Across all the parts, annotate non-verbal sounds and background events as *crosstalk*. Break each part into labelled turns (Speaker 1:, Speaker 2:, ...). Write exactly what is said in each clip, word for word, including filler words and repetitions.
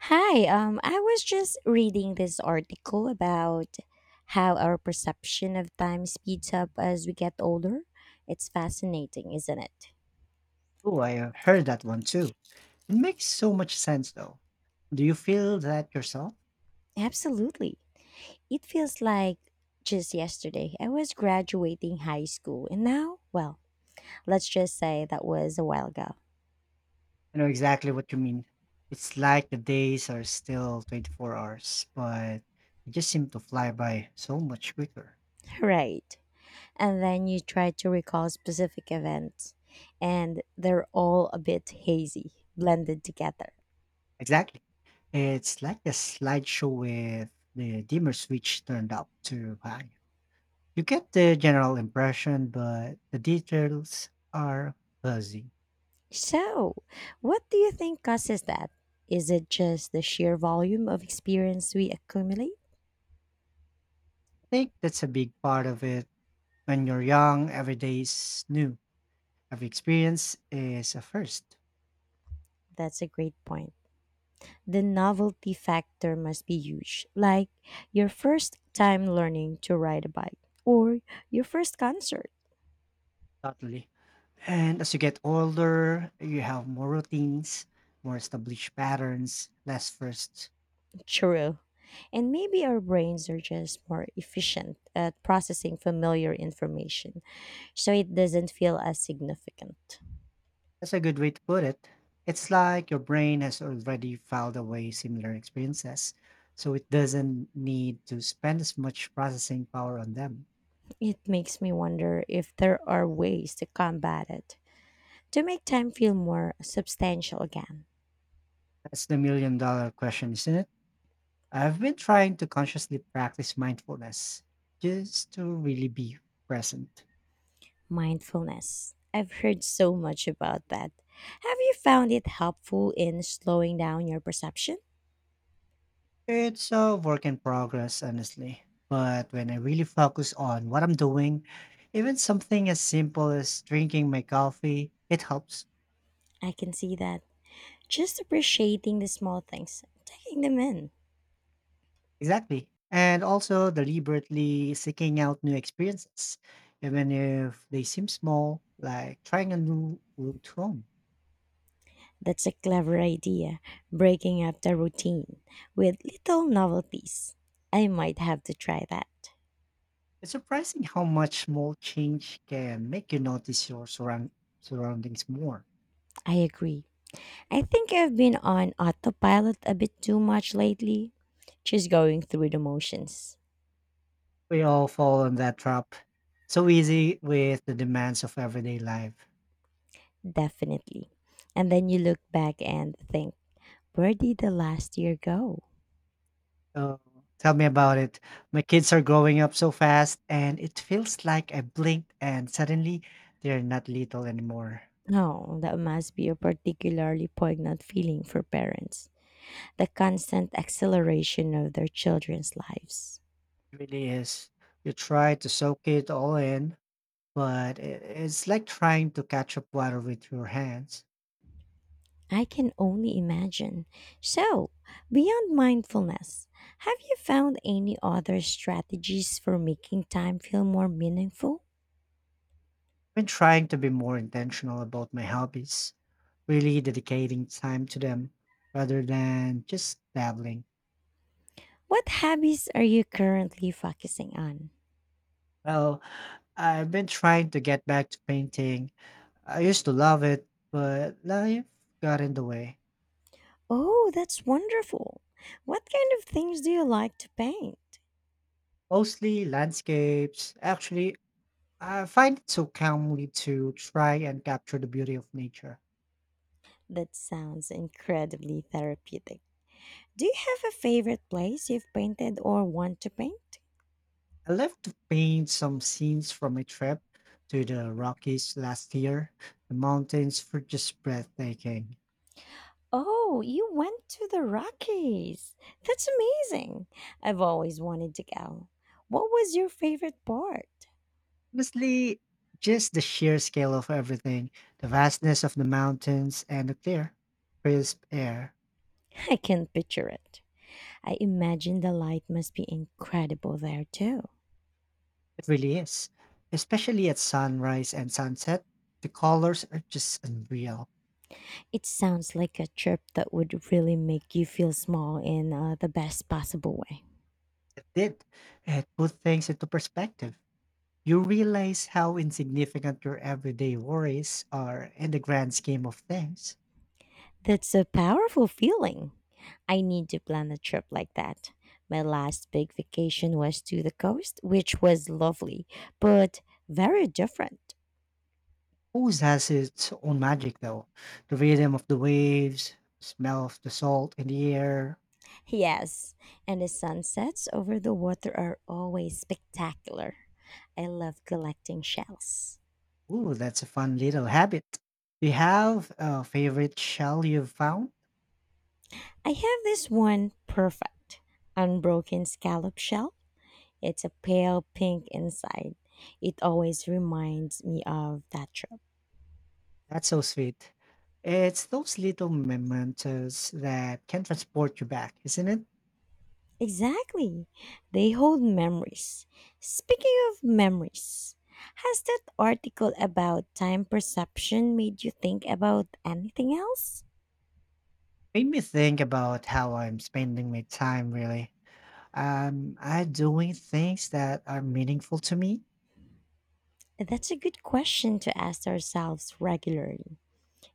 Speaker 1: Hi, um, I was just reading this article about how our perception of time speeds up as we get older. It's fascinating, isn't it?
Speaker 2: Oh, I have heard that one too. It makes so much sense though. Do you feel that yourself?
Speaker 1: Absolutely. It feels like just yesterday I was graduating high school, and now, well, let's just say that was a while ago.
Speaker 2: I know exactly what you mean. It's like the days are still twenty-four hours, but they just seem to fly by so much quicker.
Speaker 1: *laughs* Right. And then you try to recall specific events, and they're all a bit hazy, blended together.
Speaker 2: Exactly. It's like a slideshow with the dimmer switch turned up too high. You get the general impression, but the details are fuzzy.
Speaker 1: So, what do you think causes that? Is it just the sheer volume of experience we accumulate?
Speaker 2: I think that's a big part of it. When you're young, every day is new. Every experience is a first.
Speaker 1: That's a great point. The novelty factor must be huge, like your first time learning to ride a bike or your first concert.
Speaker 2: Totally. And as you get older, you have more routines, more established patterns, less firsts.
Speaker 1: True. And maybe our brains are just more efficient at processing familiar information, so it doesn't feel as significant.
Speaker 2: That's a good way to put it. It's like your brain has already filed away similar experiences, so it doesn't need to spend as much processing power on them.
Speaker 1: It makes me wonder if there are ways to combat it. To make time feel more substantial again,
Speaker 2: That's the million dollar question, isn't it? I've been trying to consciously practice mindfulness just to really be present.
Speaker 1: mindfulness. I've heard so much about that. Have you found it helpful in slowing down your perception?
Speaker 2: It's a work in progress, honestly. But when I really focus on what I'm doing, even something as simple as drinking my coffee, it helps.
Speaker 1: I can see that. Just appreciating the small things, taking them in.
Speaker 2: Exactly. And also deliberately seeking out new experiences, even if they seem small, like trying a new route home.
Speaker 1: That's a clever idea, breaking up the routine with little novelties. I might have to try that.
Speaker 2: It's surprising how much small change can make you notice your surround- surroundings more.
Speaker 1: I agree. I think I've been on autopilot a bit too much lately, just going through the motions.
Speaker 2: We all fall in that trap so easy with the demands of everyday life.
Speaker 1: Definitely. And then you look back and think, where did the last year go?
Speaker 2: Oh, tell me about it. My kids are growing up so fast, and it feels like I blinked and suddenly they're not little anymore.
Speaker 1: Oh, that must be a particularly poignant feeling for parents. The constant acceleration of their children's lives.
Speaker 2: It really is. You try to soak it all in, but i- it's like trying to catch up water with your hands.
Speaker 1: I can only imagine. So, beyond mindfulness, have you found any other strategies for making time feel more meaningful?
Speaker 2: I've been trying to be more intentional about my hobbies, really dedicating time to them rather than just dabbling.
Speaker 1: What habits are you currently focusing on?
Speaker 2: Well, I've been trying to get back to painting. I used to love it, but life got in the way.
Speaker 1: Oh, that's wonderful. What kind of things do you like to paint?
Speaker 2: Mostly landscapes. Actually, I find it so calmly to try and capture the beauty of nature.
Speaker 1: That sounds incredibly therapeutic. Do you have a favorite place you've painted or want to paint?
Speaker 2: I left to paint some scenes from my trip to the Rockies last year. The mountains were just breathtaking.
Speaker 1: Oh, you went to the Rockies. That's amazing. I've always wanted to go. What was your favorite part?
Speaker 2: Honestly, just the sheer scale of everything, the vastness of the mountains and the clear, crisp air.
Speaker 1: I can picture it. I imagine the light must be incredible there too.
Speaker 2: It really is. Especially at sunrise and sunset, the colors are just unreal.
Speaker 1: It sounds like a trip that would really make you feel small in uh, the best possible way.
Speaker 2: It did. It put things into perspective. You realize how insignificant your everyday worries are in the grand scheme of things.
Speaker 1: That's a powerful feeling. I need to plan a trip like that. My last big vacation was to the coast, which was lovely, but very different.
Speaker 2: Always has its own magic, though. The rhythm of the waves, smell of the salt in the air.
Speaker 1: Yes, and the sunsets over the water are always spectacular. I love collecting shells.
Speaker 2: Ooh, that's a fun little habit. Do you have a favorite shell you've found?
Speaker 1: I have this one perfect unbroken scallop shell. It's a pale pink inside. It always reminds me of that trip.
Speaker 2: That's so sweet. It's those little mementos that can transport you back, isn't it?
Speaker 1: Exactly. They hold memories. Speaking of memories, has that article about time perception made you think about anything else?
Speaker 2: Made me think about how I'm spending my time, really. Um, I doing things that are meaningful to me?
Speaker 1: That's a good question to ask ourselves regularly.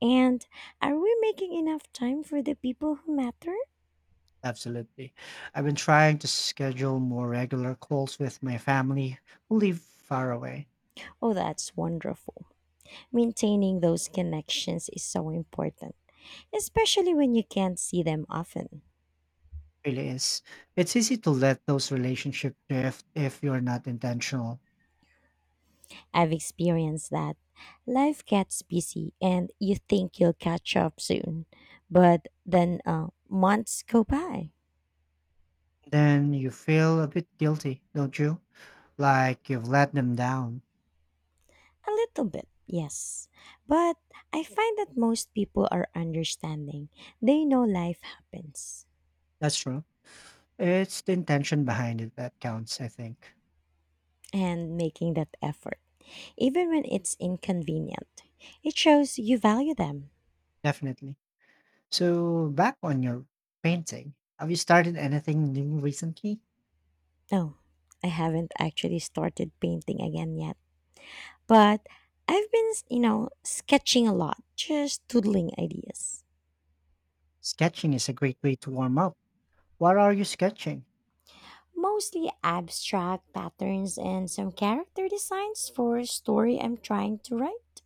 Speaker 1: And are we making enough time for the people who matter?
Speaker 2: Absolutely. I've been trying to schedule more regular calls with my family who live far away.
Speaker 1: Oh, that's wonderful. Maintaining those connections is so important, especially when you can't see them often.
Speaker 2: Really is. It's easy to let those relationships drift if you're not intentional.
Speaker 1: I've experienced that. Life gets busy and you think you'll catch up soon, but then uh, months go by.
Speaker 2: Then you feel a bit guilty, don't you? Like you've let them down.
Speaker 1: A little bit, yes. But I find that most people are understanding. They know life happens,
Speaker 2: That's true. It's the intention behind it that counts, I think.
Speaker 1: and making that effort, even when it's inconvenient. It shows you value them.
Speaker 2: Definitely. So, back on your painting, have you started anything new recently?
Speaker 1: No, I haven't actually started painting again yet. But I've been, you know, sketching a lot, just doodling ideas.
Speaker 2: Sketching is a great way to warm up. What are you sketching?
Speaker 1: Mostly abstract patterns and some character designs for a story I'm trying to write.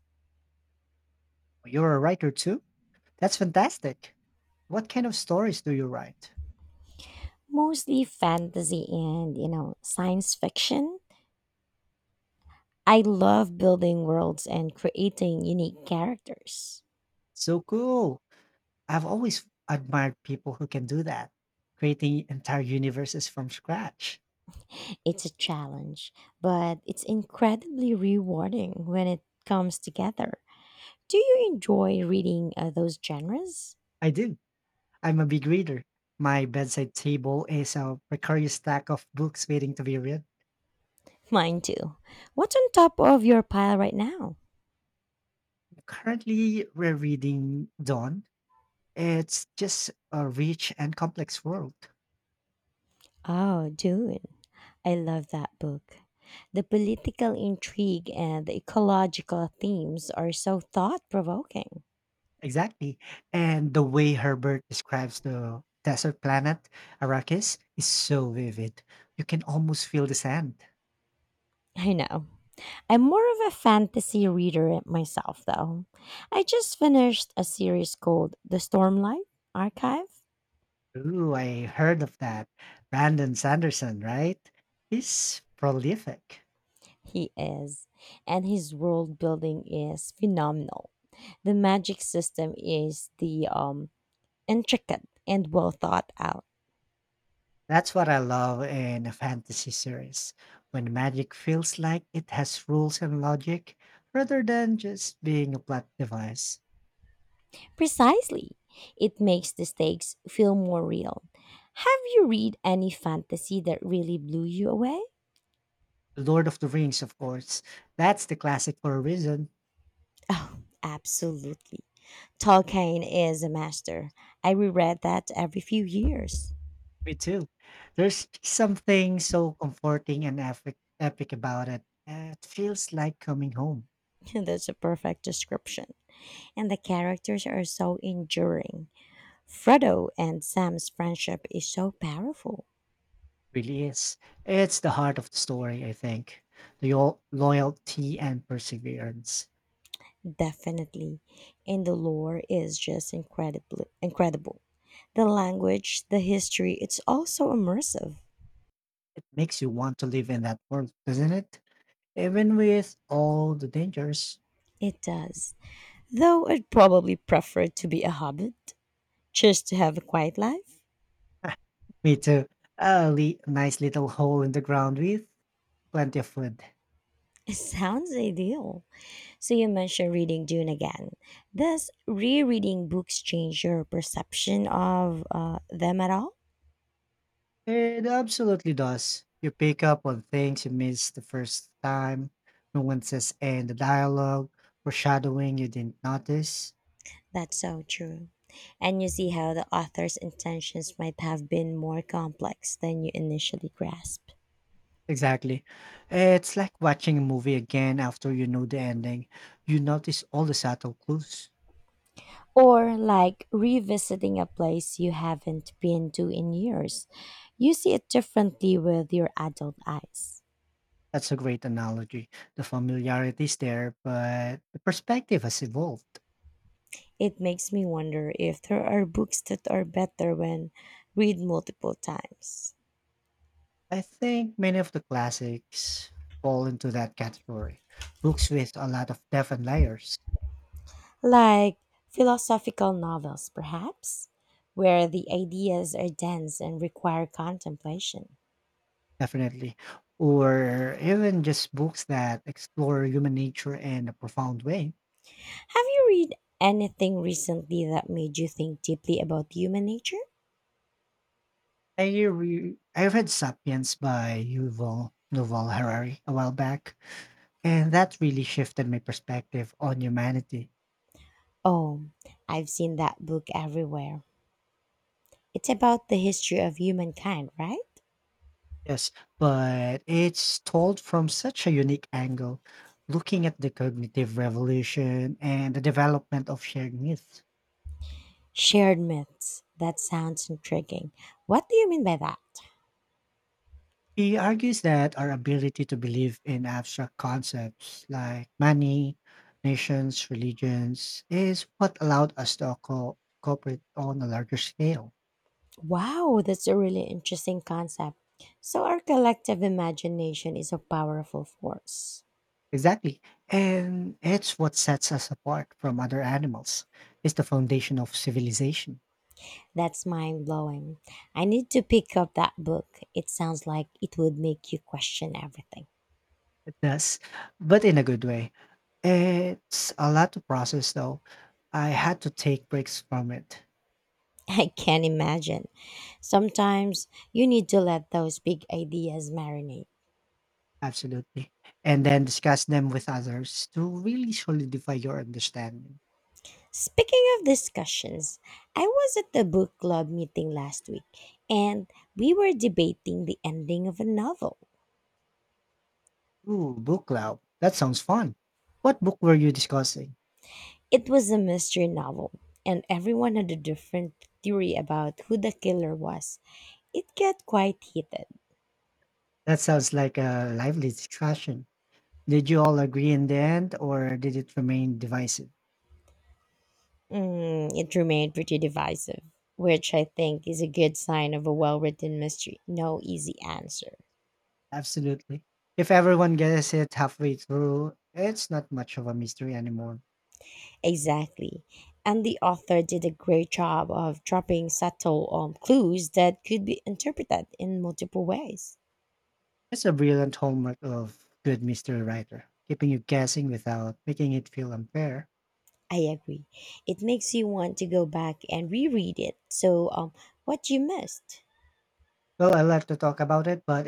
Speaker 2: You're a writer too? That's fantastic. What kind of stories do you write?
Speaker 1: Mostly fantasy and, you know, science fiction. I love building worlds and creating unique characters.
Speaker 2: So cool. I've always admired people who can do that, creating entire universes from scratch.
Speaker 1: It's a challenge, but it's incredibly rewarding when it comes together. Do you enjoy reading uh, those genres?
Speaker 2: I do. I'm a big reader. My bedside table is a precarious stack of books waiting to be read.
Speaker 1: Mine too. What's on top of your pile right now?
Speaker 2: Currently, we're reading Dawn. It's just a rich and complex world.
Speaker 1: Oh, Dune. I love that book. The political intrigue and the ecological themes are so thought provoking.
Speaker 2: Exactly. And the way Herbert describes the desert planet, Arrakis, is so vivid. You can almost feel the sand.
Speaker 1: I know. I'm more of a fantasy reader myself, though. I just finished a series called The Stormlight Archive.
Speaker 2: Ooh, I heard of that. Brandon Sanderson, right? He's prolific.
Speaker 1: He is, and his world building is phenomenal. The magic system is the um, intricate and well thought out.
Speaker 2: That's what I love in a fantasy series, when magic feels like it has rules and logic rather than just being a plot device.
Speaker 1: Precisely. It makes the stakes feel more real. Have you read any fantasy that really blew you away?
Speaker 2: Lord of the Rings, of course, that's the classic for a reason.
Speaker 1: Oh, absolutely. Tolkien is a master. I reread that every few years.
Speaker 2: Me too. There's something so comforting and epic, epic about it. Uh, It feels like coming home.
Speaker 1: *laughs* That's a perfect description. And the characters are so enduring. Frodo and Sam's friendship is so powerful.
Speaker 2: Really is. It's the heart of the story, I think. The lo- loyalty and perseverance.
Speaker 1: Definitely. And the lore is just incredibly incredible. The language, the history, it's also immersive.
Speaker 2: It makes you want to live in that world, doesn't it? Even with all the dangers.
Speaker 1: It does. Though I'd probably prefer to be a hobbit, just to have a quiet life.
Speaker 2: *laughs* Me too. A li- nice little hole in the ground with plenty of food.
Speaker 1: It sounds ideal. So you mentioned reading Dune again. Does rereading books change your perception of uh, them at all?
Speaker 2: It absolutely does. You pick up on things you missed the first time, nuances in the dialogue, foreshadowing you didn't notice.
Speaker 1: That's so true. And you see how the author's intentions might have been more complex than you initially grasped.
Speaker 2: Exactly. It's like watching a movie again after you know the ending. You notice all the subtle clues.
Speaker 1: Or like revisiting a place you haven't been to in years. You see it differently with your adult eyes.
Speaker 2: That's a great analogy. The familiarity is there, but the perspective has evolved.
Speaker 1: It makes me wonder if there are books that are better when read multiple times.
Speaker 2: I think many of the classics fall into that category. Books with a lot of depth and layers,
Speaker 1: Like philosophical novels, perhaps, where the ideas are dense and require contemplation.
Speaker 2: definitely. Or even just books that explore human nature in a profound way.
Speaker 1: Have you read anything recently that made you think deeply about human nature?
Speaker 2: I re- I read Sapiens by Yuval Noval Harari a while back, and that really shifted my perspective on humanity.
Speaker 1: Oh, I've seen that book everywhere. It's about the history of humankind, right?
Speaker 2: Yes, but it's told from such a unique angle, looking at the cognitive revolution and the development of shared myths.
Speaker 1: Shared myths. That sounds intriguing. What do you mean by that?
Speaker 2: He argues that our ability to believe in abstract concepts like money, nations, religions is what allowed us to co- cooperate on a larger scale.
Speaker 1: Wow, that's a really interesting concept. So, our collective imagination is a powerful force.
Speaker 2: Exactly. And it's what sets us apart from other animals. It's the foundation of civilization.
Speaker 1: That's mind blowing. I need to pick up that book. It sounds like it would make you question everything.
Speaker 2: It does, but in a good way. It's a lot to process, though. I had to take breaks from it,
Speaker 1: *laughs* I can imagine. Sometimes you need to let those big ideas marinate.
Speaker 2: absolutely, and then discuss them with others to really solidify your understanding.
Speaker 1: Speaking of discussions, I was at the book club meeting last week and we were debating the ending of a novel.
Speaker 2: Ooh, book club. That sounds fun. What book were you discussing?
Speaker 1: It was a mystery novel, and everyone had a different theory about who the killer was. It got quite heated.
Speaker 2: That sounds like a lively discussion. Did you all agree in the end, or did it remain divisive?
Speaker 1: Mm, it remained pretty divisive, which I think is a good sign of a well written mystery. No easy answer.
Speaker 2: Absolutely. If everyone gets it halfway through, it's not much of a mystery anymore.
Speaker 1: Exactly. And the author did a great job of dropping subtle um, clues that could be interpreted in multiple ways.
Speaker 2: That's a brilliant hallmark of good mystery writer, keeping you guessing without making it feel unfair.
Speaker 1: I agree. It makes you want to go back and reread it. So, um, what you missed?
Speaker 2: Well, I like to talk about it, but